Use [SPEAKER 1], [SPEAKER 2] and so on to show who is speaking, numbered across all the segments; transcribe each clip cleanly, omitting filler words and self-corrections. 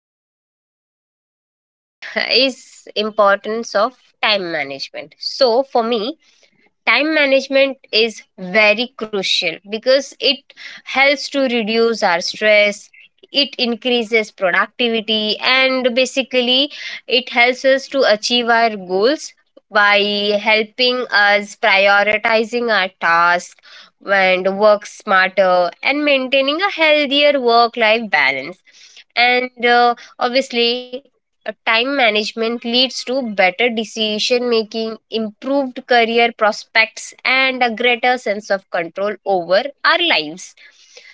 [SPEAKER 1] topic, right? It is importance of time management. So, for me, time management is very crucial because it helps to reduce our stress, it increases productivity, and basically it helps us to achieve our goals by helping us prioritizing our tasks and work smarter and maintaining a healthier work life balance. And obviously, time management leads to better decision making, improved career prospects, and a greater sense of control over our lives.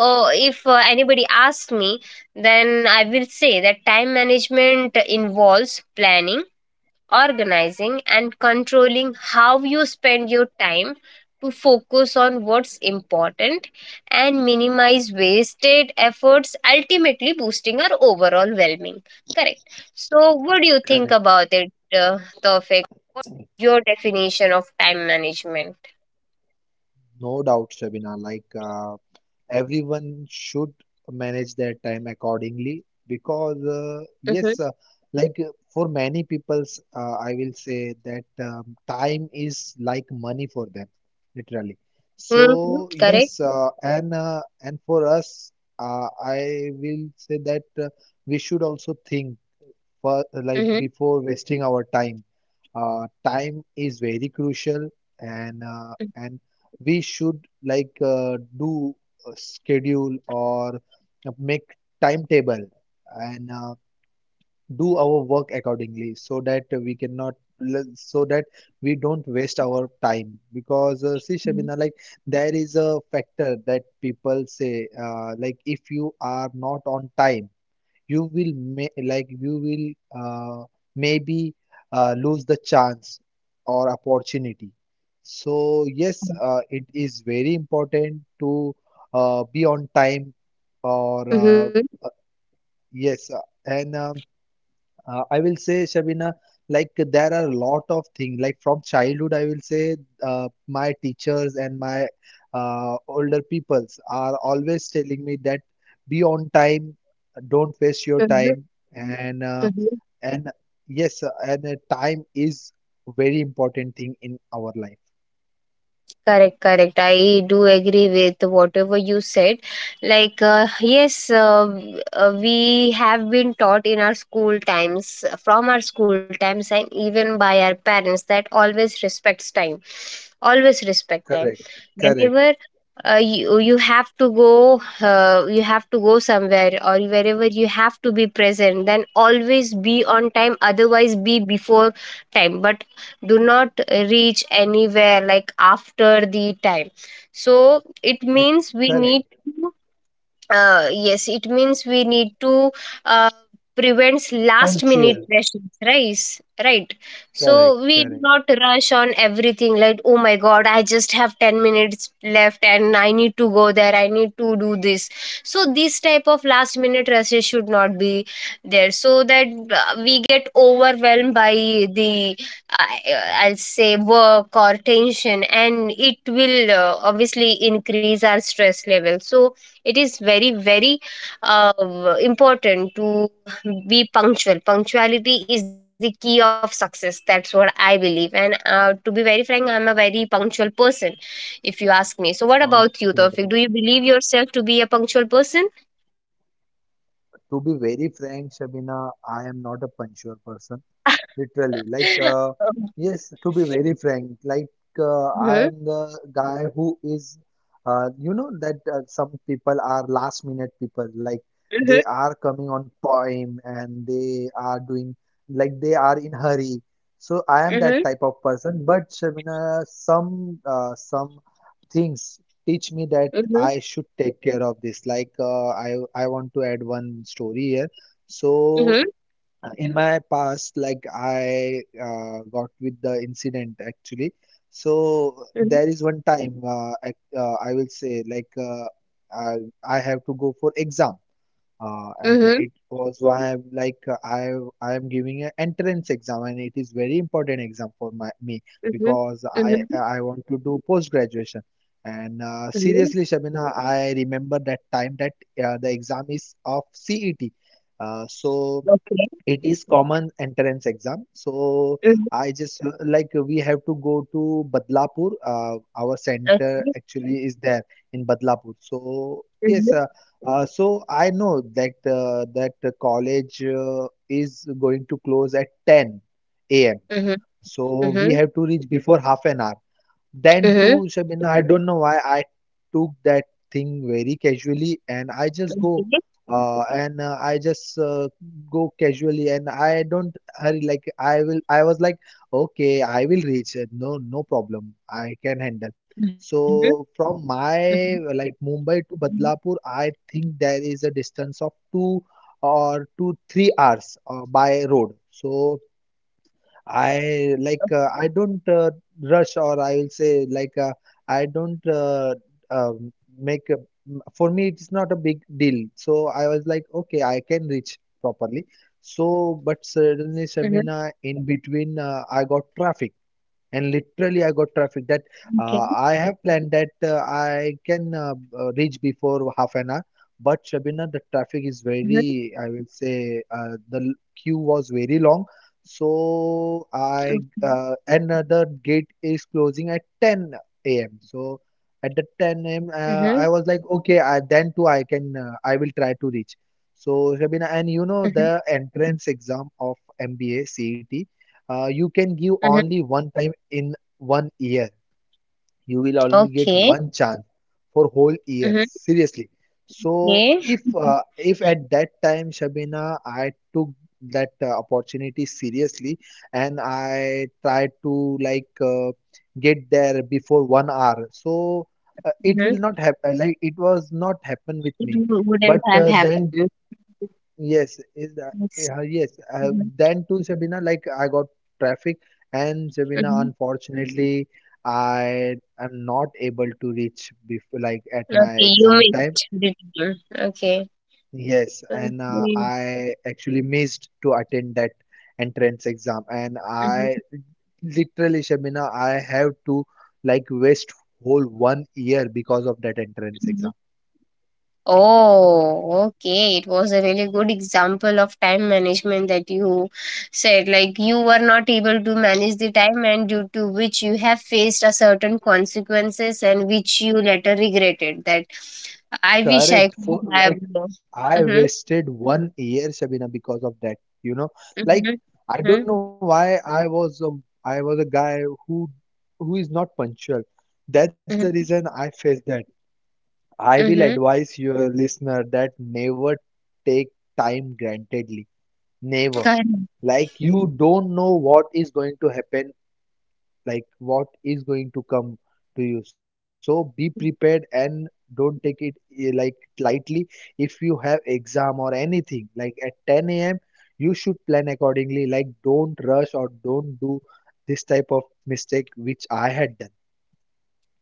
[SPEAKER 1] So, if anybody asks me, then I will say that time management involves planning, organizing and controlling how you spend your time to focus on what's important and minimize wasted efforts, ultimately boosting our overall well-being. Correct? So what do
[SPEAKER 2] Correct.
[SPEAKER 1] you think about it, Tawfiq? Your definition of time management?
[SPEAKER 2] No doubt, Shabina. Like everyone should manage their time accordingly because
[SPEAKER 1] Mm-hmm.
[SPEAKER 2] uh, yes, like for many people's, I will say that time is like money for them, literally.
[SPEAKER 1] Mm-hmm. Correct.
[SPEAKER 2] So yes, and for us, I will say that we should also think. For
[SPEAKER 1] Mm-hmm.
[SPEAKER 2] like before wasting our time. Time is very crucial, and we should like do a schedule or make timetable and do our work accordingly so that we cannot so that we don't waste our time because see Shabina like there is a factor that people say like if you are not on time you will like you will maybe lose the chance or opportunity. So yes,
[SPEAKER 1] Mm-hmm.
[SPEAKER 2] it is very important to be on time or
[SPEAKER 1] Mm-hmm.
[SPEAKER 2] uh, yes, and I will say, Shabina, like there are a lot of things. Like from childhood, I will say my teachers and my older peoples are always telling me that be on time, don't waste your time, and uh,
[SPEAKER 1] Mm-hmm.
[SPEAKER 2] and yes, and time is very important thing in our life.
[SPEAKER 1] Correct, correct. I do agree with whatever you said. Like, yes, we have been taught in our school times, from our school times, and even by our parents that always respects time. Always respect time.
[SPEAKER 2] Correct, correct,
[SPEAKER 1] Whenever you have to go, you have to go somewhere, or wherever you have to be present, then always be on time. Otherwise, be before time. But do not reach anywhere like after the time, so it
[SPEAKER 2] uh,
[SPEAKER 1] means we need
[SPEAKER 2] correct.
[SPEAKER 1] to yes, it means we need to uh, prevent last minute
[SPEAKER 2] Punctual,
[SPEAKER 1] rushes, right? Right. So
[SPEAKER 2] correct,
[SPEAKER 1] we do
[SPEAKER 2] correct.
[SPEAKER 1] not rush on everything, like, oh my god, I just have 10 minutes left and I need to go there, I need to do this. So this type of last minute rushes should not be there, so that we get overwhelmed by the I I'll say work or tension, and it will obviously increase our stress level. So it is very very uh, important to be punctual. Punctuality is the key of success, that's what I believe. And to be very frank, I'm a very punctual person if you ask me. So what about you, Tofik? Do you
[SPEAKER 2] Okay.
[SPEAKER 1] believe yourself to be a punctual person?
[SPEAKER 2] To be very frank, Shabina, I am not a punctual person. Literally like uh, yes to be very frank like
[SPEAKER 1] Mhm,
[SPEAKER 2] I am the guy who is you know that some people are last minute people like
[SPEAKER 1] mhm,
[SPEAKER 2] they are coming on time and they are doing like they are in hurry so I am
[SPEAKER 1] mhm,
[SPEAKER 2] that type of person but Shabina, some things teach me that
[SPEAKER 1] mhm,
[SPEAKER 2] I should take care of this like I want to add one story here
[SPEAKER 1] mhm,
[SPEAKER 2] so in my past, like I got with the incident actually. So
[SPEAKER 1] mhm,
[SPEAKER 2] there is one time at, I will say like I, I have to go for exam, and
[SPEAKER 1] mhm,
[SPEAKER 2] it was why I'm like I am giving an entrance exam, and it is very important exam for my me
[SPEAKER 1] mhm,
[SPEAKER 2] because
[SPEAKER 1] mhm,
[SPEAKER 2] I want to do post graduation. And
[SPEAKER 1] mhm.
[SPEAKER 2] seriously, Shabina, I remember that time that the exam is of CET. So,
[SPEAKER 1] Okay.
[SPEAKER 2] it is common entrance exam. So
[SPEAKER 1] Mhm,
[SPEAKER 2] I just like we have to go to Badlapur. Our
[SPEAKER 1] okay.
[SPEAKER 2] center actually is there in Badlapur. So
[SPEAKER 1] Mhm,
[SPEAKER 2] yes, so I know that the college is going to close at 10 a.m.
[SPEAKER 1] mhm,
[SPEAKER 2] So
[SPEAKER 1] mhm,
[SPEAKER 2] we have to reach before half an hour. Then
[SPEAKER 1] mhm,
[SPEAKER 2] too, Shabina, I don't know why I took that thing very casually and I just go
[SPEAKER 1] okay.
[SPEAKER 2] and I just go casually and I don't hurry like I was like okay I will reach it no no problem
[SPEAKER 1] Mhm,
[SPEAKER 2] I can handle
[SPEAKER 1] mhm,
[SPEAKER 2] so from my like Mumbai to Badlapur I think there is a distance of 2 or 2 3 hours by road so I like I don't rush or I will say like I don't um, make a, for me it's not a big deal. So I was like okay I can reach properly. So
[SPEAKER 1] mhm,
[SPEAKER 2] but suddenly Shabina in between I got traffic and literally I got
[SPEAKER 1] mhm.
[SPEAKER 2] traffic that I have planned that I can reach before half an hour. But Shabina, the
[SPEAKER 1] Mhm,
[SPEAKER 2] traffic is very, I will say, the queue was very long.
[SPEAKER 1] mhm,
[SPEAKER 2] So I another gate is closing at 10 a.m. So at the
[SPEAKER 1] mhm,
[SPEAKER 2] 10 a.m. I was like, okay, I, then too I will try to reach. So Shabina,
[SPEAKER 1] mhm,
[SPEAKER 2] and you know the entrance exam of MBA CET. You
[SPEAKER 1] mhm.
[SPEAKER 2] can give only one time in one year. You will only
[SPEAKER 1] Okay.
[SPEAKER 2] get one chance for whole
[SPEAKER 1] Mhm,
[SPEAKER 2] year. Seriously.
[SPEAKER 1] okay.
[SPEAKER 2] So if at that time Shabina, I took that opportunity seriously and I tried to like get there before one hour. So it
[SPEAKER 1] Mhm.
[SPEAKER 2] will not happen. Like it was not happen
[SPEAKER 1] It
[SPEAKER 2] with me.
[SPEAKER 1] wouldn't
[SPEAKER 2] But
[SPEAKER 1] have
[SPEAKER 2] uh, then
[SPEAKER 1] happened.
[SPEAKER 2] yes, is that
[SPEAKER 1] Yes.
[SPEAKER 2] yeah, yes.
[SPEAKER 1] Mhm,
[SPEAKER 2] Then too, Sabina, like I got traffic, and Sabina,
[SPEAKER 1] mhm.
[SPEAKER 2] unfortunately, I am not able to reach before, like at
[SPEAKER 1] Okay,
[SPEAKER 2] my
[SPEAKER 1] you
[SPEAKER 2] exam time.
[SPEAKER 1] missed the deal. Okay.
[SPEAKER 2] Yes, and
[SPEAKER 1] Okay.
[SPEAKER 2] I actually missed to attend that entrance exam, and
[SPEAKER 1] Mhm,
[SPEAKER 2] I literally, Shabina, I have to like waste whole one year because of that entrance
[SPEAKER 1] mhm.
[SPEAKER 2] exam.
[SPEAKER 1] Oh, okay. It was a really good example of time management that you said. Like, you were not able to manage the time, and due to which you have faced a certain consequences, and which you later regretted. That I wish I
[SPEAKER 2] Correct.
[SPEAKER 1] could
[SPEAKER 2] For
[SPEAKER 1] have.
[SPEAKER 2] like I
[SPEAKER 1] Mm-hmm,
[SPEAKER 2] wasted one year, Shabina, because of that. You know,
[SPEAKER 1] mm-hmm,
[SPEAKER 2] like I
[SPEAKER 1] mm-hmm,
[SPEAKER 2] don't know why I was a guy who who is not punctual. That's the reason I faced that. I will
[SPEAKER 1] mm-hmm.
[SPEAKER 2] advise your listener that never take time grantedly. Never.
[SPEAKER 1] Correct.
[SPEAKER 2] Like you don't know what is going to happen like what is going to come to you so be prepared and don't take it like lightly if you have exam or anything like at 10 a.m you should plan accordingly like don't rush or don't do this type of mistake which I had done.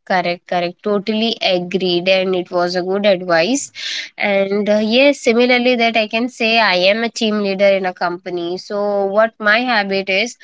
[SPEAKER 1] Correct, correct. Totally agreed, and it was a good advice. And yes, similarly, that I can say, I am a team leader in a company. So what my habit is,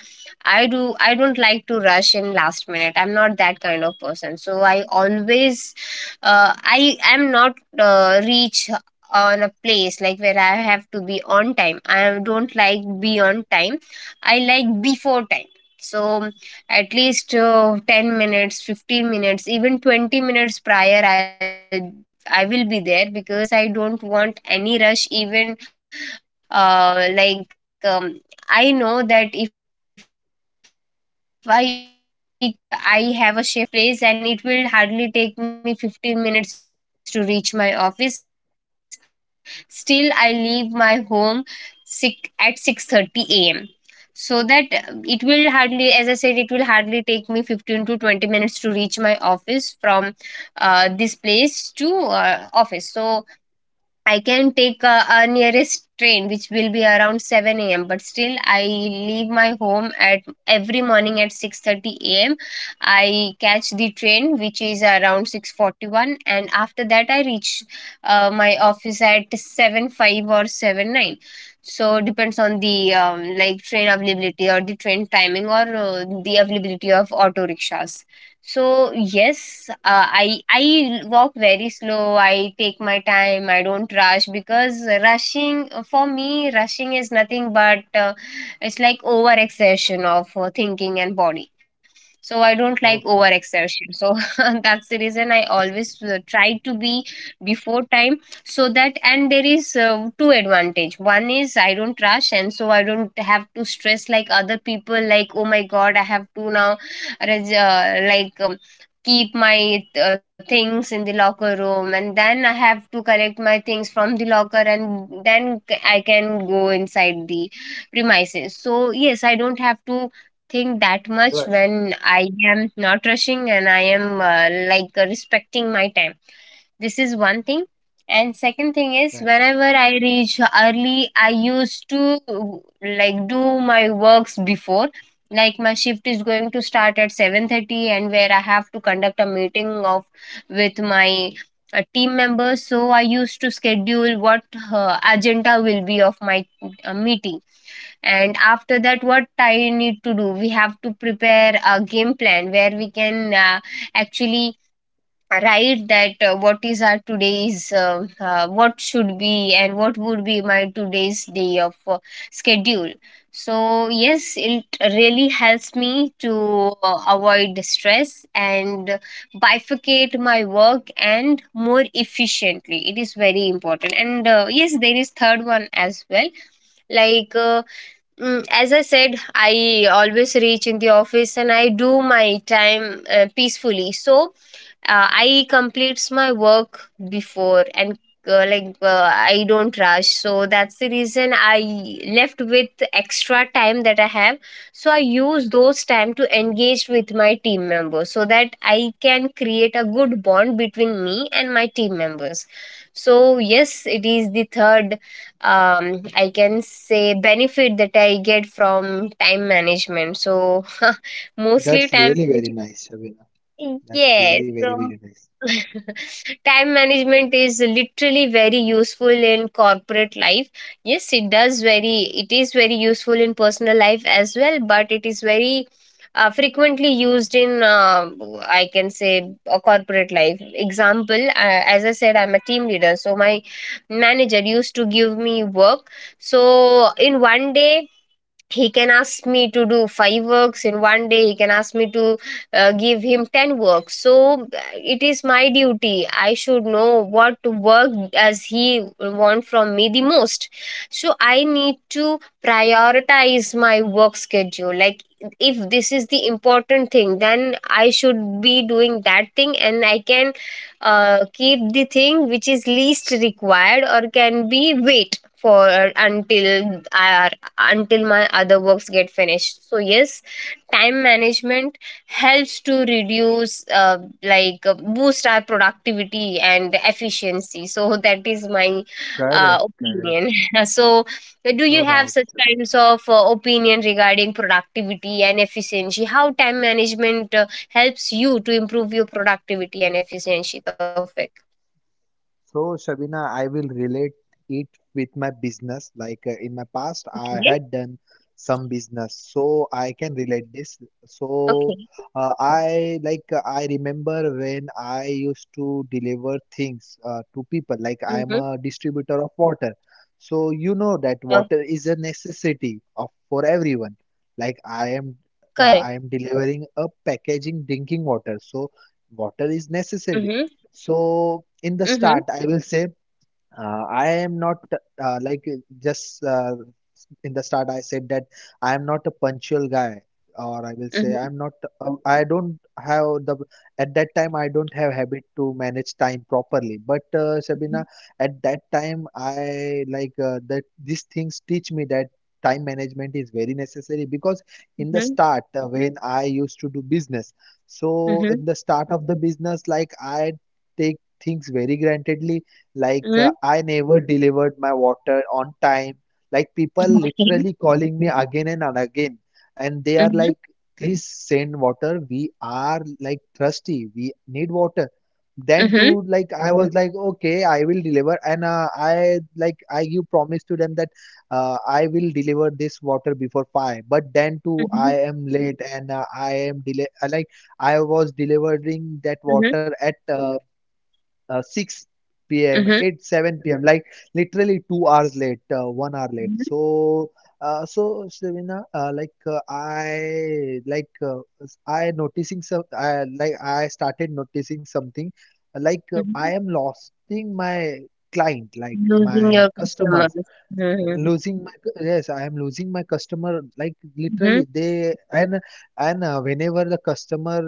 [SPEAKER 1] I don't like to rush in last minute. I'm not that kind of person. So I always, I am not reach on a place like where I have to be on time. I don't like be on time. I like before time. So at least 10 minutes, 15 minutes, even 20 minutes prior, I will be there because I don't want any rush. Even like I know that if I have a shift of 7:30. I know I stays in this place and it will hardly take me 15 minutes to reach my office. Still, I leave my home sick at 6:30 a.m., so that it will hardly, as I said, it will hardly take me 15 to 20 minutes to reach my office from, this place to office. So I can take a nearest train which will be around 7 a.m., but still I leave my home at every morning at 6:30 a.m. I catch the train which is around 6:41, and after that I reach my office at seven five or seven nine. So depends on the like, train availability or the train timing or the availability of auto rickshaws. So yes, I walk very slow. I take my time. I don't rush because rushing for me, rushing is nothing but it's like over exertion of thinking and body. So I don't like over
[SPEAKER 2] Okay,
[SPEAKER 1] exertion. So that's the reason I always try to be before time, so that. And there is two advantage. One is I don't rush, and so I don't have to stress like other people, like, oh my god, I have to now res- uh, like um, keep my things in the locker room, and then I have to collect my things from the locker, and then I can go inside the premises. So yes, I don't have to think that much
[SPEAKER 2] rush.
[SPEAKER 1] when I am not rushing and I am like respecting my time. This is one thing. And second thing is,
[SPEAKER 2] Correct,
[SPEAKER 1] whenever I reach early, I used to like do my works before. Like, my shift is going to start at 7:30, and where I have to conduct a meeting of with my team members. So I used to schedule what agenda will be of my meeting, and after that what I need to do. We have to prepare a game plan where we can uh, actually right that what is our today's what should be and what would be my today's day of schedule. So yes, it really helps me to avoid stress and bifurcate my work, and more efficiently. It is very important. And yes, there is third one as well, like, as I said, I always reach in the office and I do my time peacefully, so I completes my work before, and like I don't rush, so that's the reason I left with extra time that I have. So I use those time to engage with my team members, so that I can create a good bond between me and my team members. So yes, it is the third I can say benefit that I get from time management. So mostly
[SPEAKER 2] that's
[SPEAKER 1] time
[SPEAKER 2] really very
[SPEAKER 1] management.
[SPEAKER 2] nice Shabina. That's
[SPEAKER 1] Yes,
[SPEAKER 2] really very
[SPEAKER 1] so
[SPEAKER 2] very nice.
[SPEAKER 1] time management is literally very useful in corporate life. Yes, it does very. It is very useful in personal life as well, but it is very frequently used in I can say a corporate life. Example, as I said, I'm a team leader, so my manager used to give me work. So in one day he can ask me to do five works. In one day he can ask me to give him 10 works. So it is my duty, I should know what work does he want from me the most. So I need to prioritize my work schedule. Like, if this is the important thing, then I should be doing that thing, and I can keep the thing which is least required or can be wait for until our until my other works get finished. So yes, time management helps to reduce, like boost our productivity and efficiency. So that is my
[SPEAKER 2] Correct, correct.
[SPEAKER 1] opinion. So do you
[SPEAKER 2] No
[SPEAKER 1] have
[SPEAKER 2] doubt.
[SPEAKER 1] such
[SPEAKER 2] Shabina.
[SPEAKER 1] kinds of opinion regarding productivity and efficiency, how time management helps you to improve your productivity and efficiency, Tawfiq?
[SPEAKER 2] So, Shabina, I will relate it with my business. Like in my past, I
[SPEAKER 1] Okay.
[SPEAKER 2] had done some business, so I can relate this. So,
[SPEAKER 1] Okay.
[SPEAKER 2] I like I remember when I used to deliver things
[SPEAKER 1] Mm-hmm.
[SPEAKER 2] to people. Like I am a distributor of water, so you know that water is a necessity of for everyone.
[SPEAKER 1] Correct.
[SPEAKER 2] Like I am delivering a packaging drinking water, so
[SPEAKER 1] Mm-hmm.
[SPEAKER 2] water is necessary
[SPEAKER 1] Mm-hmm.
[SPEAKER 2] so in the start, I will say I am not like just in the start I said that I am not a punctual guy,
[SPEAKER 1] Mm-hmm.
[SPEAKER 2] or I will say I'm not. I don't have the at that time I don't have habit to manage time properly. But Sabina, at that time I like that these things teach me that time management is very necessary because
[SPEAKER 1] Mm-hmm.
[SPEAKER 2] in the start when I used to do business, so in the start of the business like I take things very grantedly
[SPEAKER 1] Mm-hmm.
[SPEAKER 2] like I never delivered my water on time like people
[SPEAKER 1] Okay.
[SPEAKER 2] literally calling me again and again, and
[SPEAKER 1] Mhm.
[SPEAKER 2] they are like, please send water. We are like thirsty. We need water.
[SPEAKER 1] Mhm.
[SPEAKER 2] Then to like I was like, okay, I will deliver, and I like I give promise to them that I will deliver this water before five. But then
[SPEAKER 1] Mhm.
[SPEAKER 2] too, I am late, and I am delay. Like I was delivering that
[SPEAKER 1] Mhm.
[SPEAKER 2] water at 6 p.m.
[SPEAKER 1] Mhm.
[SPEAKER 2] 8 7 p.m. like literally 2 hours late, one hour late.
[SPEAKER 1] Mhm.
[SPEAKER 2] So so Savina, I like I noticing some I like I started noticing something
[SPEAKER 1] Mhm.
[SPEAKER 2] I am losing my client like
[SPEAKER 1] Losing
[SPEAKER 2] my
[SPEAKER 1] your
[SPEAKER 2] customers
[SPEAKER 1] customers. Mhm.
[SPEAKER 2] losing my yes I am losing my customer like literally
[SPEAKER 1] Mhm.
[SPEAKER 2] they and whenever the customer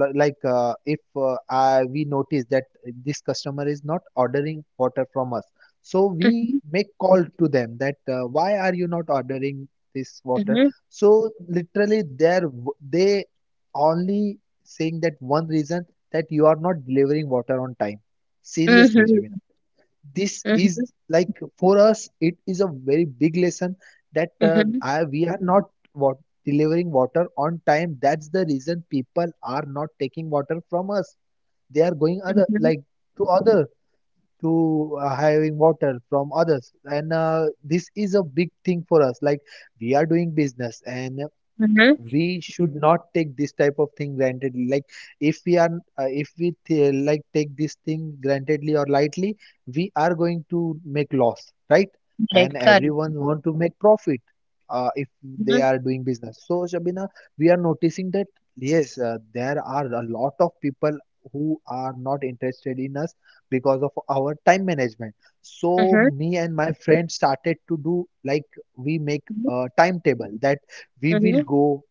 [SPEAKER 2] like if I, we notice that this customer is not ordering water from us so we
[SPEAKER 1] Mhm.
[SPEAKER 2] make call to them that why are you not ordering this water
[SPEAKER 1] Mhm.
[SPEAKER 2] so literally they're they only saying that one reason that you are not delivering water on time seriously
[SPEAKER 1] Mhm.
[SPEAKER 2] Shabina this
[SPEAKER 1] Mhm.
[SPEAKER 2] is like for us it is a very big lesson that
[SPEAKER 1] Mhm.
[SPEAKER 2] I, we are not what delivering water on time that's the reason people are not taking water from us they are going other
[SPEAKER 1] Mhm.
[SPEAKER 2] like to other to hiring water from others and this is a big thing for us like we are doing business and
[SPEAKER 1] Mhm.
[SPEAKER 2] we should not take this type of thing grantedly like if we are if we like take this thing grantedly or lightly we are going to make loss right and
[SPEAKER 1] Correct. Correct.
[SPEAKER 2] everyone want to make profit if they
[SPEAKER 1] Mhm.
[SPEAKER 2] are doing business so Shabina we are noticing that yes there are a lot of people who are not interested in us because of our time management so
[SPEAKER 1] Mhm.
[SPEAKER 2] me and my friend started to do like we make
[SPEAKER 1] Mhm.
[SPEAKER 2] a timetable that we will
[SPEAKER 1] Mhm.
[SPEAKER 2] go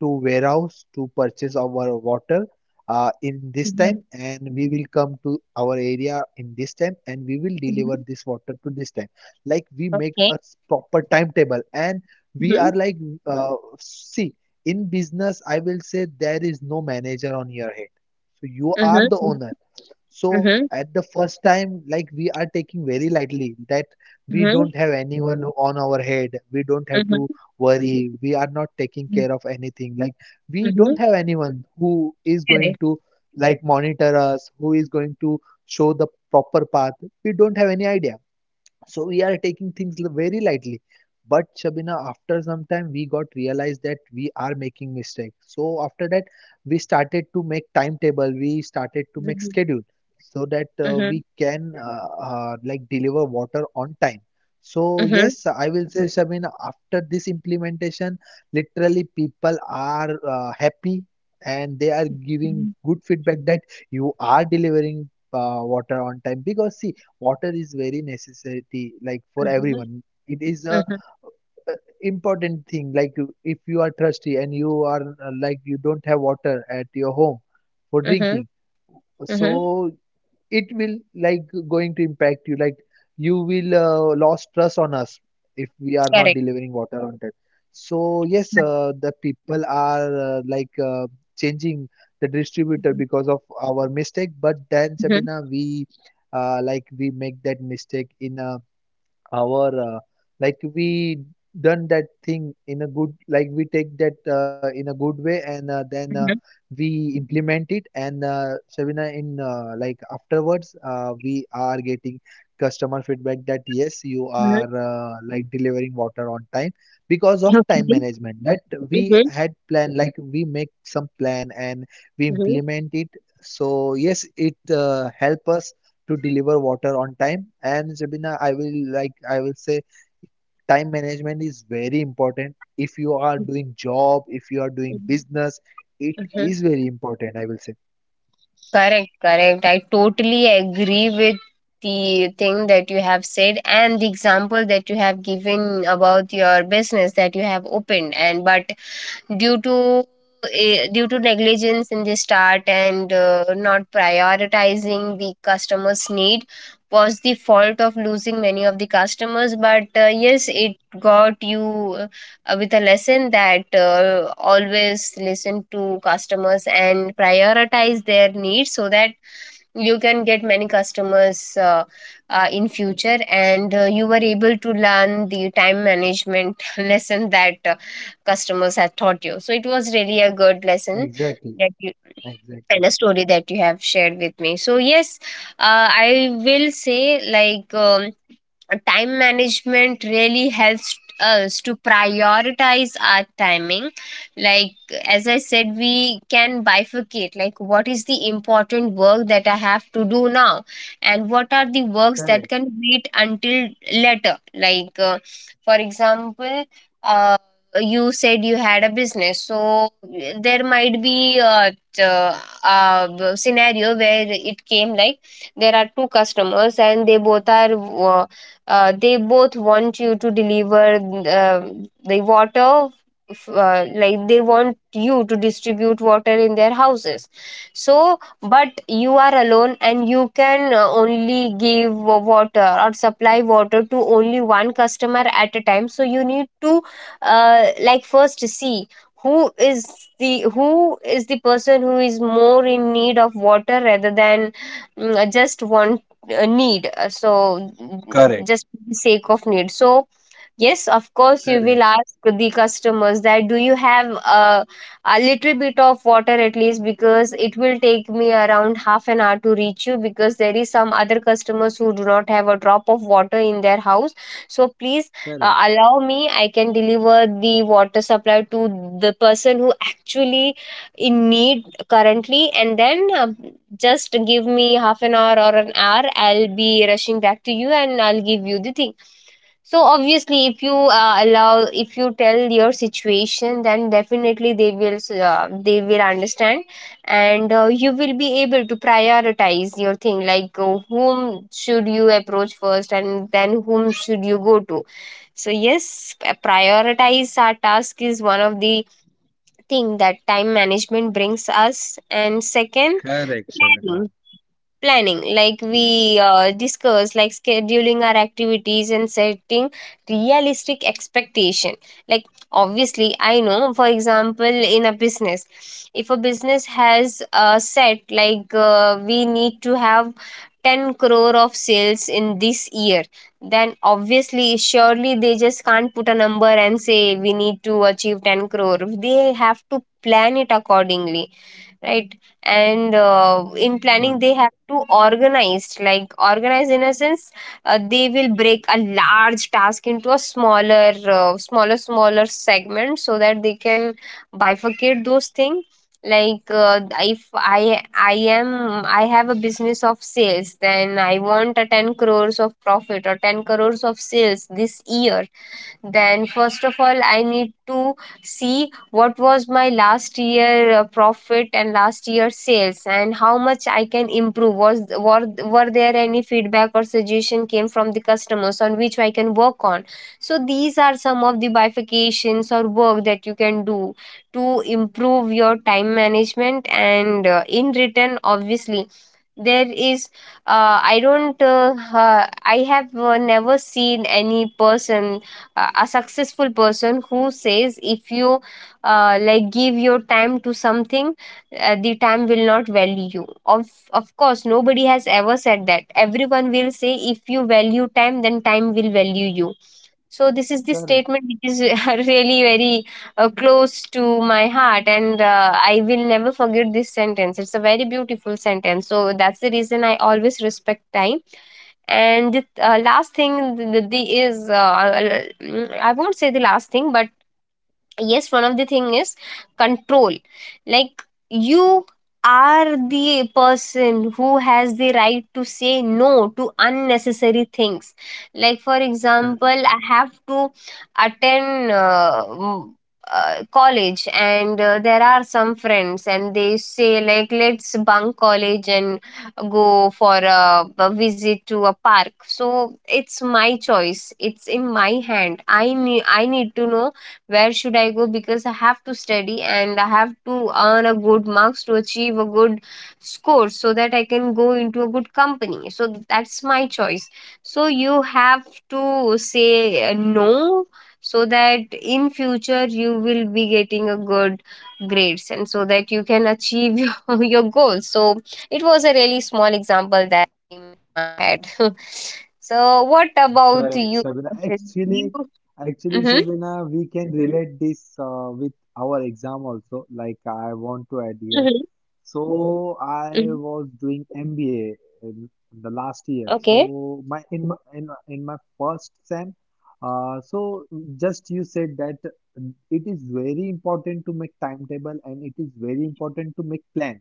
[SPEAKER 2] to warehouse to purchase our water in this
[SPEAKER 1] Mhm.
[SPEAKER 2] time and we will come to our area in this time and we will
[SPEAKER 1] Mhm.
[SPEAKER 2] deliver this water to this time like we make
[SPEAKER 1] Okay.
[SPEAKER 2] a proper timetable and we
[SPEAKER 1] Mhm.
[SPEAKER 2] are like see in business I will say there is no manager on your head so you
[SPEAKER 1] Mhm.
[SPEAKER 2] are the
[SPEAKER 1] Mhm.
[SPEAKER 2] owner so
[SPEAKER 1] Mhm.
[SPEAKER 2] at the first time, like we are taking very lightly that we don't have anyone on our head. We don't have to
[SPEAKER 1] Mhm.
[SPEAKER 2] worry. We are not taking
[SPEAKER 1] Mhm.
[SPEAKER 2] care of anything. Like we
[SPEAKER 1] Mhm.
[SPEAKER 2] don't have anyone who is
[SPEAKER 1] Correct.
[SPEAKER 2] going to like monitor us, who is going to show the proper path. We don't have any idea. So we
[SPEAKER 1] Complain
[SPEAKER 2] are
[SPEAKER 1] like,
[SPEAKER 2] taking
[SPEAKER 1] why you
[SPEAKER 2] things
[SPEAKER 1] have
[SPEAKER 2] very
[SPEAKER 1] not
[SPEAKER 2] lightly.
[SPEAKER 1] doing this,
[SPEAKER 2] But Shabina, after
[SPEAKER 1] like
[SPEAKER 2] some time,
[SPEAKER 1] why
[SPEAKER 2] we got
[SPEAKER 1] you
[SPEAKER 2] realized that
[SPEAKER 1] are.
[SPEAKER 2] we are making mistakes. So after that, we started to make timetable. We started to make
[SPEAKER 1] Correct.
[SPEAKER 2] schedule so that
[SPEAKER 1] Mhm,
[SPEAKER 2] we can like deliver water on time. So
[SPEAKER 1] mhm,
[SPEAKER 2] yes, I will say Shabina, after this implementation, literally people are happy and they are giving
[SPEAKER 1] mhm,
[SPEAKER 2] good feedback that you are delivering water on time because see water is very necessity like for
[SPEAKER 1] mhm,
[SPEAKER 2] everyone it is a
[SPEAKER 1] mhm,
[SPEAKER 2] important thing like if you are thirsty and you are like you don't have water at your home for
[SPEAKER 1] mhm,
[SPEAKER 2] drinking
[SPEAKER 1] mhm.
[SPEAKER 2] so it will like going to impact you like you will lost trust on us if we are not
[SPEAKER 1] Correct.
[SPEAKER 2] delivering water on time. So yes,
[SPEAKER 1] Yeah.
[SPEAKER 2] the people are changing the distributor
[SPEAKER 1] Mhm,
[SPEAKER 2] because of our mistake. But then
[SPEAKER 1] mhm,
[SPEAKER 2] Sabina, we like we make that mistake in a our like we done that thing in a good like we take that in a good way and then
[SPEAKER 1] mhm,
[SPEAKER 2] we implement it. And Shabina in like afterwards we are getting customer feedback that yes, you
[SPEAKER 1] mhm.
[SPEAKER 2] are like delivering water on time because of time
[SPEAKER 1] Okay.
[SPEAKER 2] management that we
[SPEAKER 1] Mhm,
[SPEAKER 2] had plan like we make some plan and we
[SPEAKER 1] mhm,
[SPEAKER 2] implement it. So yes, it help us to deliver water on time. And Sabina, I will say time management is very important. If you are doing job, if you are doing
[SPEAKER 1] mhm,
[SPEAKER 2] business, it
[SPEAKER 1] mhm.
[SPEAKER 2] is very important, I will say.
[SPEAKER 1] Correct, correct. I totally agree with the thing that you have said and the example that you have given about your business that you have opened and but due to due to negligence in the start and not prioritizing the customers need was the fault of losing many of the customers but yes it got you with a lesson that always listen to customers and prioritize their needs so that you can get many customers in future and you were able to learn the time management lesson that customers had taught you, so it was really a good lesson
[SPEAKER 2] Exactly.
[SPEAKER 1] that you and
[SPEAKER 2] Exactly.
[SPEAKER 1] a story that you have shared with me. So yes, I will say, like, time management really helps us to prioritize our timing. Like, as I said, we can bifurcate like what is the important work that I have to do now and what are the works that
[SPEAKER 2] Correct.
[SPEAKER 1] can wait until later. For example, uh, you said you had a business, so there might be scenario where it came like there are two customers and they both are they both want you to deliver the water like they want you to distribute water in their houses. So but you are alone and you can only give water or supply water to only one customer at a time, so you need to like first see who is who is the person who is more in need of water rather than just want need so
[SPEAKER 2] Correct,
[SPEAKER 1] just for the sake of need. So yes, of course you will
[SPEAKER 2] correct,
[SPEAKER 1] ask the customers that, do you have a, a little bit of water at least, because it will take me around half an hour to reach you because there is some other customers who do not have a drop of water in their house. So please
[SPEAKER 2] correct,
[SPEAKER 1] allow me, I can deliver the water supply to the person who actually in need currently, and then just give me half an hour or an hour. I'll be rushing back to you and I'll give you the thing. So obviously, if you allow, if you tell your situation, then definitely they will understand, and you will be able to prioritize your thing. Like whom should you approach first, and then whom should you go to. So yes, prioritize our task is one of the thing that time management brings us, and second,
[SPEAKER 2] correct, Shabina.
[SPEAKER 1] planning. Planning, like
[SPEAKER 2] Correct,
[SPEAKER 1] we discuss, like scheduling our activities and setting realistic expectation. Like, obviously I know, for example, in a business, if a business has set like we need to have 10 crore of sales in this year, then obviously surely they just can't put a number and say we need to achieve 10 crore, they have to plan it accordingly, right? And in planning
[SPEAKER 2] correct,
[SPEAKER 1] they have to organize, like organize in a sense they will break a large task into a smaller smaller segment so that they can bifurcate those things. Like if I am I have a business of sales, then I want a 10 crores of profit or 10 crores of sales this year, then first of all I need to see what was my last year profit and last year sales and how much I can improve, was were there any feedback or suggestion came from the customers on which I can work on. So these are some of the bifurcations or work that you can do to improve your time management, and in return obviously there is I have never seen any person a successful person who says, if you like give your time to something the time will not value you. of of course nobody has ever said that. Everyone will say, if you value time, then time will value you. So this is the
[SPEAKER 2] correct,
[SPEAKER 1] statement which is really very close to my heart, and I will never forget this sentence, it's a very beautiful sentence, so that's the reason I always respect time. And the last thing, the is I won't say the last thing, but yes, one of the thing is control. Like, you are the person who has the right to say no to unnecessary things. Like, for
[SPEAKER 2] correct,
[SPEAKER 1] example, I have to attend college, and there are some friends and they say like, let's bunk college and go for a visit to a park. So it's my choice, it's in my hand, I need to know where should I go, because I have to study and I have to earn a good marks to achieve a good score so that I can go into a good company. So that's my choice. So you have to say no so that in future you will be getting a good grades and so that you can achieve your goals. So it was a really small example that I had. So what about you?
[SPEAKER 2] correct, Shabina. Actually,
[SPEAKER 1] Mhm,
[SPEAKER 2] actually, Shabina, we can relate this with our exam also. Like
[SPEAKER 1] mhm,
[SPEAKER 2] I want to add here. So
[SPEAKER 1] mhm.
[SPEAKER 2] I was doing MBA in the
[SPEAKER 1] Okay.
[SPEAKER 2] last year. So in my first sem, so just you said that it is very important to make timetable and it is very important to make plan.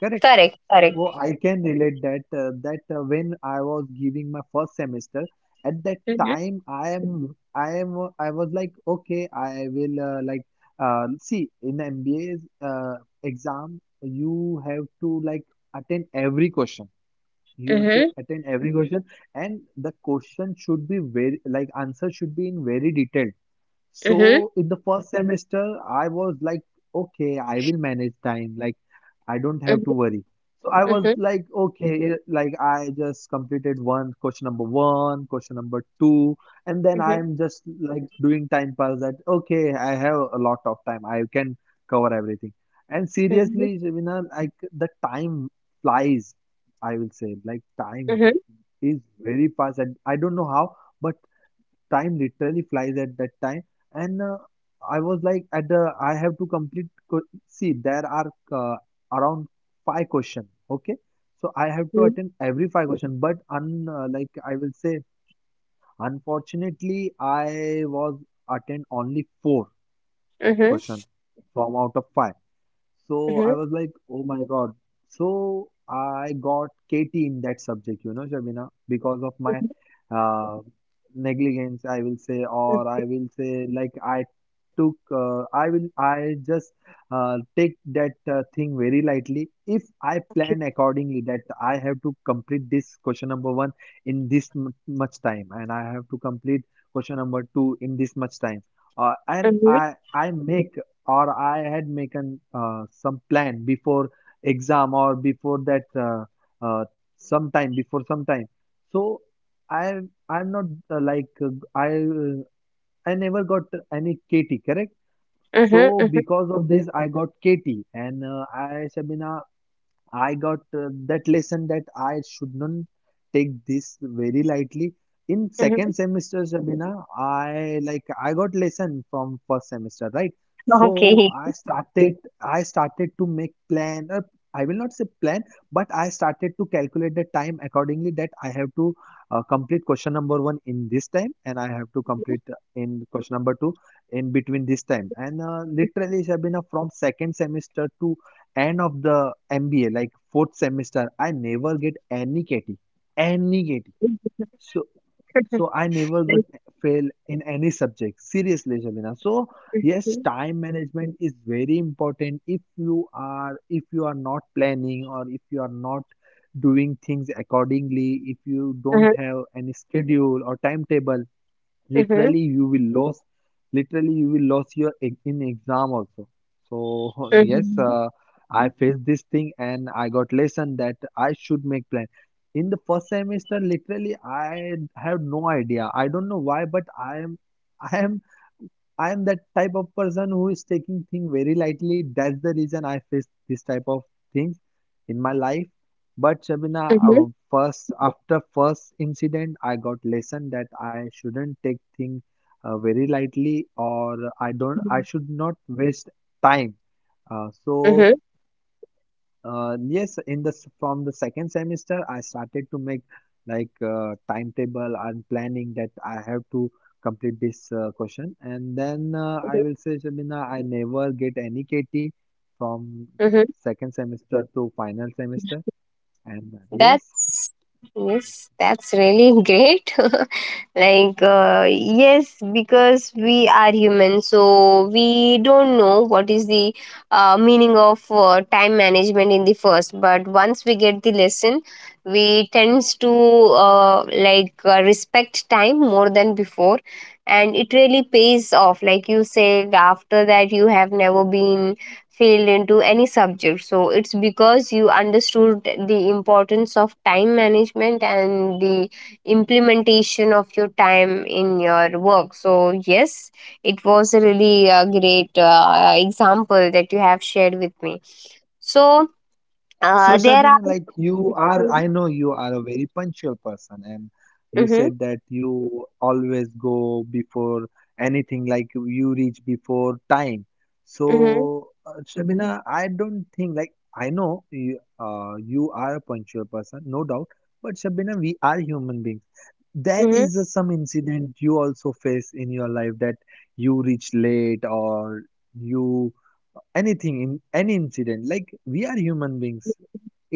[SPEAKER 2] Correct?
[SPEAKER 1] Tarek, Tarek.
[SPEAKER 2] Oh, I can relate that that when I was giving my first semester, at that
[SPEAKER 1] Uh huh.
[SPEAKER 2] time I was like, okay, I will like see in MBA's exam you have to like attend every question. You
[SPEAKER 1] Uh
[SPEAKER 2] have to
[SPEAKER 1] huh.
[SPEAKER 2] attend every question and the question should be very like answer should be in very detail. So
[SPEAKER 1] Uh huh.
[SPEAKER 2] in the first semester, I was like, okay, I will manage time. Like, I don't
[SPEAKER 1] Uh
[SPEAKER 2] have to worry. So I was
[SPEAKER 1] huh.
[SPEAKER 2] like, okay, like I just completed one, question number two, and then
[SPEAKER 1] Uh huh.
[SPEAKER 2] I'm just like doing time pass that, okay, I have a lot of time. I can cover everything. And
[SPEAKER 1] Uh huh.
[SPEAKER 2] seriously, Shabina, like the time flies, I will say, like time
[SPEAKER 1] Uh huh.
[SPEAKER 2] is very fast, and I don't know how, but time literally flies at that time. And I was like at the, I have to complete see there are uh, around five question, okay? So I have to attend every five question, but un like I will say unfortunately I was attend only four
[SPEAKER 1] Uh huh.
[SPEAKER 2] question from out of five. So
[SPEAKER 1] Uh
[SPEAKER 2] I
[SPEAKER 1] huh.
[SPEAKER 2] was like, oh my God. So I got KT in that subject, you know, Shabina, because of my uh, negligence, I will say, or I will say, like, I took I will I just take that thing very lightly. If I plan
[SPEAKER 1] Okay.
[SPEAKER 2] accordingly that I have to complete this question number 1 in this much time and I have to complete question number 2 in this much time. Uh, and
[SPEAKER 1] Uh huh.
[SPEAKER 2] I make or I had made an, some plan before exam or before that uh, some time before some time. So i I'm not uh, like uh, i uh, I never got any KT, correct?
[SPEAKER 1] Uh
[SPEAKER 2] So
[SPEAKER 1] huh. Uh huh.
[SPEAKER 2] because of this, I got Katie. And I Shabina, I got that lesson that I should not take this very lightly. In second semester, Shabina, I got lesson from first semester, right? So
[SPEAKER 1] Okay.
[SPEAKER 2] I started to make plan. I will not say plan, but I started to calculate the time accordingly that I have to complete question number one in this time, and I have to
[SPEAKER 1] Uh
[SPEAKER 2] complete
[SPEAKER 1] huh.
[SPEAKER 2] in question number two in between this time. And literally, Shabina, from second semester to end of the MBA, like fourth semester, I never get any KT, any KT.
[SPEAKER 1] Uh huh.
[SPEAKER 2] So
[SPEAKER 1] Uh huh.
[SPEAKER 2] so I never got fail in any subject. Seriously, Shabina. So yes, time management is very important. If you are not planning or if you are not doing things accordingly, if you
[SPEAKER 1] Uh
[SPEAKER 2] don't
[SPEAKER 1] huh. Uh
[SPEAKER 2] have any schedule or timetable, literally you will lose literally you will lose your in exam also. So yes, I faced this thing and I got lesson that I should make plan. In the first semester, literally I have no idea, I don't know why, but I am I am I'm that type of person who is taking things very lightly. That's the reason I face this type of things in my life. But Shabina, first after first incident, I got lesson that I shouldn't take things very lightly, or I don't, I should not waste time. Uh,
[SPEAKER 1] huh. Uh huh.
[SPEAKER 2] so yes, in the from the second semester, I started to make like timetable and planning that I have to complete this question, and then I will say, Shabina, I never get any KT from
[SPEAKER 1] Uh huh.
[SPEAKER 2] second semester to final semester, and yes.
[SPEAKER 1] That's yes, that's really great. Like yes, because we are human, so we don't know what is the meaning of time management in the first. But once we get the lesson, we tends to respect time more than before, and it really pays off. Like you said, after that you have never been failed into any subject. So it's because you understood the importance of time management and the implementation of your time in your work. So yes, it was a really great example that you have shared with me. So,
[SPEAKER 2] So,
[SPEAKER 1] there are.
[SPEAKER 2] Shabina, like you are, I know you are a very punctual person, and you
[SPEAKER 1] Mm-hmm,
[SPEAKER 2] said that you always go before anything, like you reach before time.
[SPEAKER 1] mm-hmm,
[SPEAKER 2] So, Shabina, I don't think, like, I know you, you are a punctual person, no doubt, but Shabina, we are human beings. There
[SPEAKER 1] mm-hmm.
[SPEAKER 2] is a, some incident you also face in your life that you reach late or you anything in any incident, like we are human beings,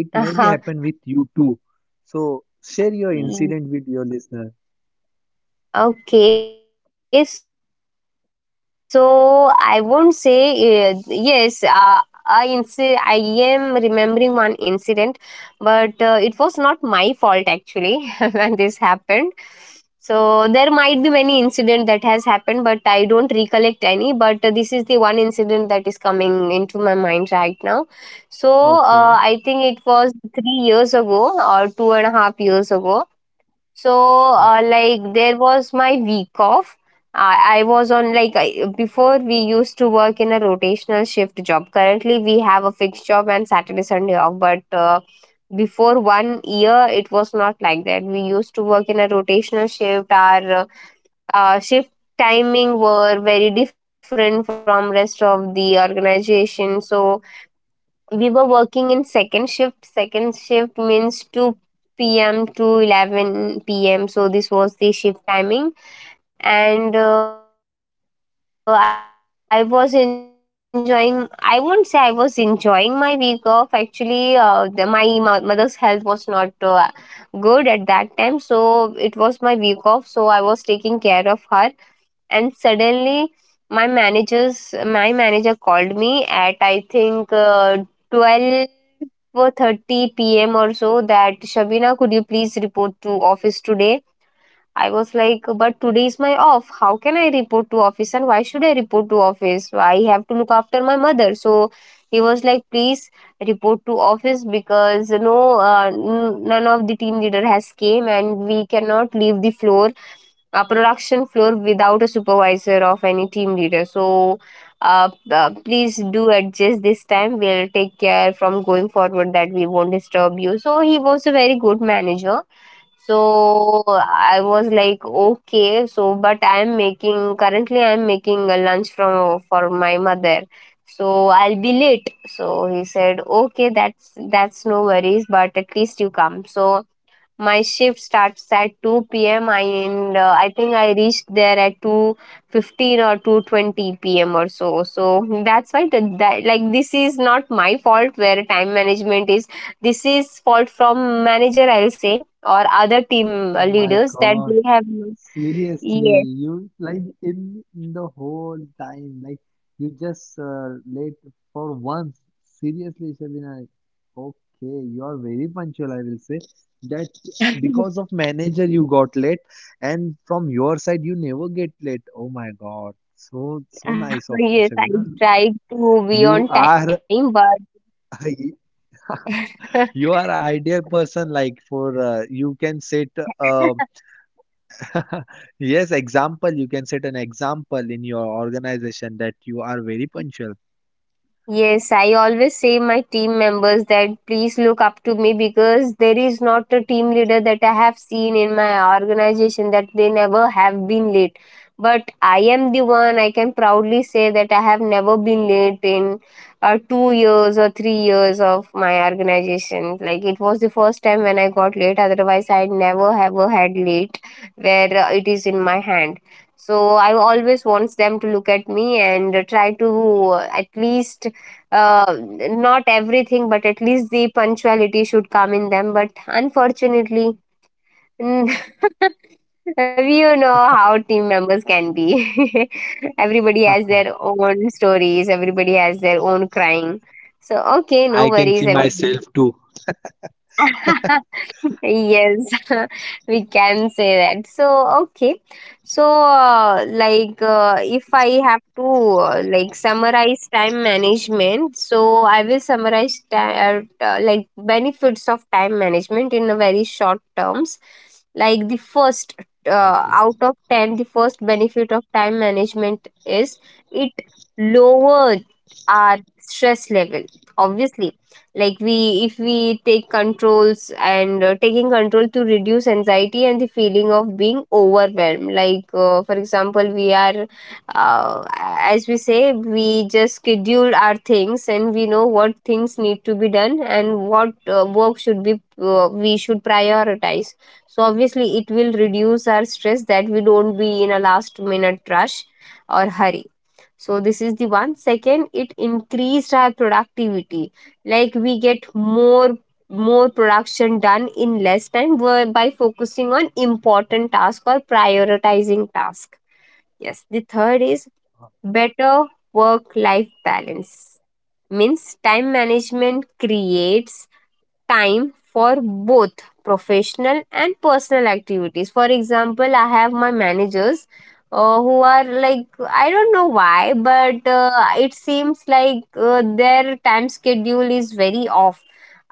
[SPEAKER 2] it may be happen with you too. So share your incident with your listener.
[SPEAKER 1] Okay, so I won't say yes. I am remembering one incident, but it was not my fault actually when this happened. So there might be many incident that has happened, but I don't recollect any. But this is the one incident that is coming into my mind right now. So I think it
[SPEAKER 2] Okay,
[SPEAKER 1] was 3 years ago or two and a half years ago. So,
[SPEAKER 2] okay.
[SPEAKER 1] like, there was my week off. I was on, like, I, before we used to work in a rotational shift job. Currently, we have a fixed job and Saturday, Sunday off. But before 1 year, it was not like that. We used to work in a rotational shift. Our shift timing were very different from rest of the organization. So we were working in second shift. Second shift means 2 p.m. to 11 p.m. So this was the shift timing. And I was enjoying, I won't say I was enjoying my week off. Actually, my mother's health was not good at that time. So it was my week off, so I was taking care of her. And suddenly my manager called me at I think 12:30 p.m. or so that, Shabina, could you please report to office today. I was like, but today is my off, how can I report to office and why should I report to office, I have to look after my mother. So he was like, please report to office, because none of the team leader has came and we cannot leave the floor, a production floor, without a supervisor of any team leader. So please do adjust this time. We'll take care from going forward that we won't disturb you. So, he was a very good manager. So, I was like, okay. So, but I'm making a lunch from for my mother. So, I'll be late. So, he said, okay, that's no worries, but at least you come. So, my shift starts at 2 p.m. I, and I think I reached there at 2:15 or 2:20 p.m. or so. So that's why that like this is not my fault where time management is. This is fault from manager I'll say or other team
[SPEAKER 2] Oh my
[SPEAKER 1] leaders that
[SPEAKER 2] God.
[SPEAKER 1] they have
[SPEAKER 2] Seriously,
[SPEAKER 1] yes.
[SPEAKER 2] you like in the whole time, like you just late for once. Seriously, Shabina. Okay, you are very punctual, I will say. That because of manager you got late, and from your side you never get late. Oh my God. So so nice of you,
[SPEAKER 1] Yes, I
[SPEAKER 2] Shabina.
[SPEAKER 1] tried to be
[SPEAKER 2] You
[SPEAKER 1] on time,
[SPEAKER 2] are
[SPEAKER 1] but
[SPEAKER 2] you are ideal person like for you can set um Yes, example, you can set an example in your organization that you are very punctual.
[SPEAKER 1] yes, I always say my team members that please look up to me, because there is not a team leader that I have seen in my organization that they never have been late. But I am the one, I can proudly say that I have never been late in 2 years or 3 years of my organization. Like, it was the first time when I got late, otherwise, I never ever had late where it is in my hand. So I always wants them to look at me and try to at least not everything, but at least the punctuality should come in them. But unfortunately, we you know how team members can be. Everybody has their own stories. Everybody has their own crying. So okay, no
[SPEAKER 2] I can see
[SPEAKER 1] worries, everybody.
[SPEAKER 2] myself too.
[SPEAKER 1] Yes, we can say that. So, okay. So, if I have to, summarize time management, so I will summarize, benefits of time management in a very short terms. Like, the first, out of 10, the first benefit of time management is it lowers our stress level obviously. Like we if we take controls and taking control to reduce anxiety and the feeling of being overwhelmed. Like for example, we are uh, as we say, we just schedule our things and we know what things need to be done and what work should be, we should prioritize. So obviously it will reduce our stress, that we don't be in a last minute rush or hurry. So this is the one. Second, it increased our productivity, like we get more production done in less time by focusing on important task or prioritizing task. Yes, the third is better work life balance, means time management creates time for both professional and personal activities. For example, I have my managers who are like, I don't know why, but it seems like their time schedule is very off.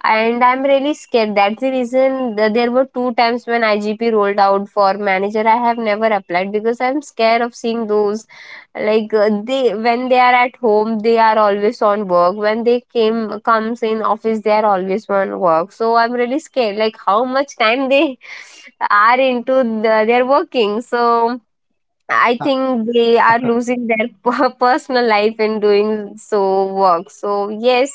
[SPEAKER 1] And I'm really scared. That's the reason there were two times when IGP rolled out for manager. I have never applied because I'm scared of seeing those. Like they, when they are at home, they are always on work, when they came comes in office they are always on work. So I'm really scared, like how much time they are into the, their working. So I
[SPEAKER 2] Ah,
[SPEAKER 1] think they are losing their personal life in doing so work. So yes,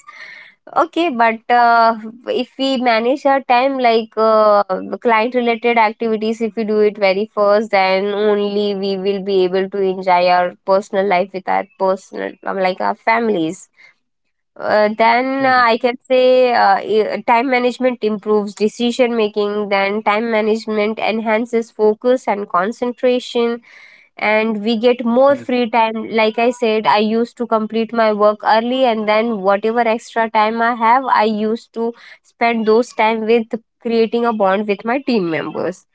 [SPEAKER 1] okay, but if we manage our time, like client related activities, if we do it very first, then only we will be able to enjoy our personal life with our personal like our families. Uh, then
[SPEAKER 2] correct,
[SPEAKER 1] uh, I can say, time management improves decision making. Then time management enhances focus and concentration, and we get more
[SPEAKER 2] correct.
[SPEAKER 1] free time. Like I said, I used to complete my work early and then whatever extra time I have, I used to spend those time with creating a bond with my team members.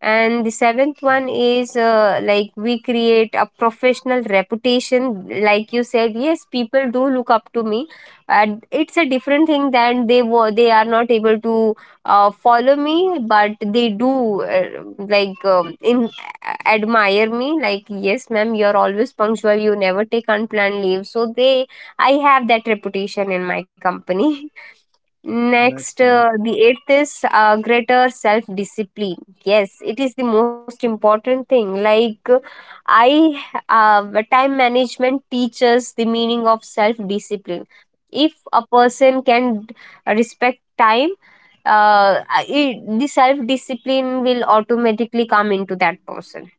[SPEAKER 1] And the seventh one is, like, we create a professional reputation. Like you said, yes, people do look up to me, and it's a different thing than they are not able to follow me, but they do, in admire me, like, yes ma'am, you're always punctual, you never take unplanned leave. So they, I have that reputation in my company.
[SPEAKER 2] That's
[SPEAKER 1] Next,
[SPEAKER 2] nice.
[SPEAKER 1] the eighth is greater self discipline. Yes, it is the most important thing. Like, I, time management teaches the meaning of self discipline. If a person can respect time, uh, the self discipline will automatically come into that person,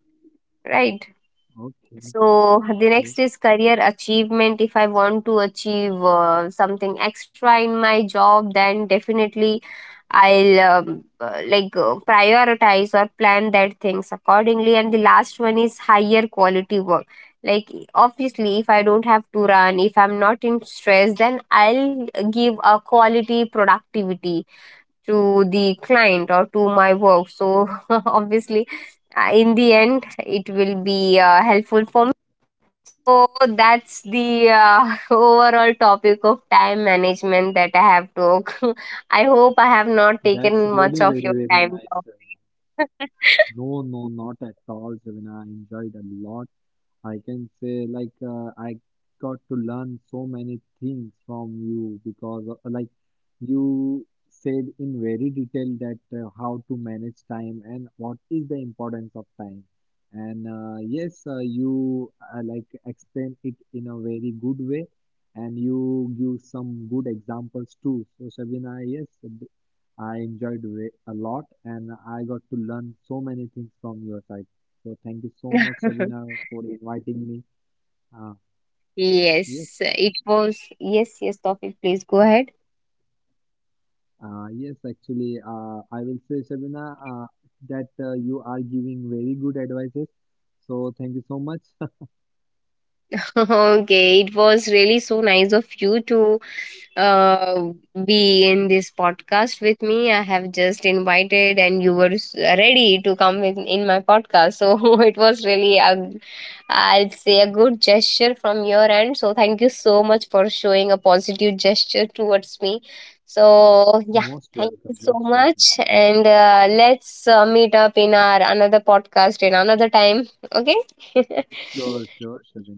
[SPEAKER 1] right?
[SPEAKER 2] Okay,
[SPEAKER 1] So the
[SPEAKER 2] okay.
[SPEAKER 1] next is career achievement. If I want to achieve something extra in my job, then definitely I'll prioritize or plan that things accordingly. And the last one is higher quality work. Like obviously, if I don't have to run, if I'm not in stress, then I'll give a quality productivity to the client or to my work. So obviously, in the end, it will be helpful for me. So that's the overall topic of time management that I have talked. I hope I have not taken much of your
[SPEAKER 2] That's
[SPEAKER 1] time now.
[SPEAKER 2] really very, very nice. Ravina. No, no, not at all, Javina. I enjoyed a lot. I can say like I got to learn so many things from you because like you said in very detail that how to manage time and what is the importance of time. And yes, you like explain it in a very good way and you give some good examples too. So Shabina, yes, I enjoyed it a lot and I got to learn so many things from your side. So thank you so much, Shabina, for inviting me. Uh, yes,
[SPEAKER 1] Yes, it was. Yes, yes, topic. Please go ahead.
[SPEAKER 2] yes, actually, I will say, Shabina, that you are giving very good advices. So thank you so much.
[SPEAKER 1] Okay, it was really so nice of you to uh, be in this podcast with me. I have just invited, and you were ready to come in my podcast. So it was really, a, I'll say, a good gesture from your end. So thank you so much for showing a positive gesture towards me. So yeah,
[SPEAKER 2] Most
[SPEAKER 1] thank
[SPEAKER 2] welcome,
[SPEAKER 1] you so
[SPEAKER 2] most welcome.
[SPEAKER 1] much, and let's meet up in our another podcast in another time. Okay.
[SPEAKER 2] Sure, sure, Shabina,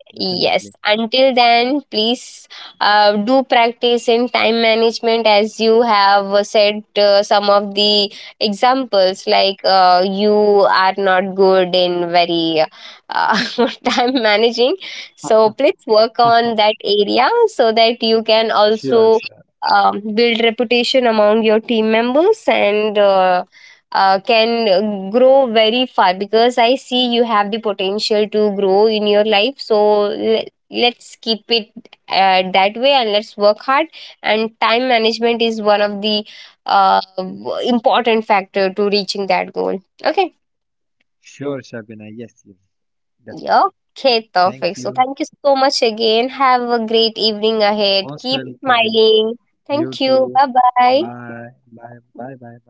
[SPEAKER 2] definitely.
[SPEAKER 1] Yes. Until then, please do practice in time management, as you have said some of the examples, like you are not good in very uh, time managing. So please work on that area so that you can
[SPEAKER 2] Sure,
[SPEAKER 1] also
[SPEAKER 2] sure,
[SPEAKER 1] build reputation among your team members and can grow very far, because I see you have the potential to grow in your life. So let's keep it that way and let's work hard. And time management is one of the important factor to reaching that goal. Okay.
[SPEAKER 2] sure, Shabina. Yes, yes, definitely.
[SPEAKER 1] Yeah. Okay,
[SPEAKER 2] Thank
[SPEAKER 1] perfect.
[SPEAKER 2] you.
[SPEAKER 1] So thank you so much again. Have a great evening ahead.
[SPEAKER 2] Most
[SPEAKER 1] Keep
[SPEAKER 2] welcome.
[SPEAKER 1] smiling.
[SPEAKER 2] You
[SPEAKER 1] Thank
[SPEAKER 2] too.
[SPEAKER 1] you. Bye bye.
[SPEAKER 2] Bye. Bye. Bye. Bye. Bye.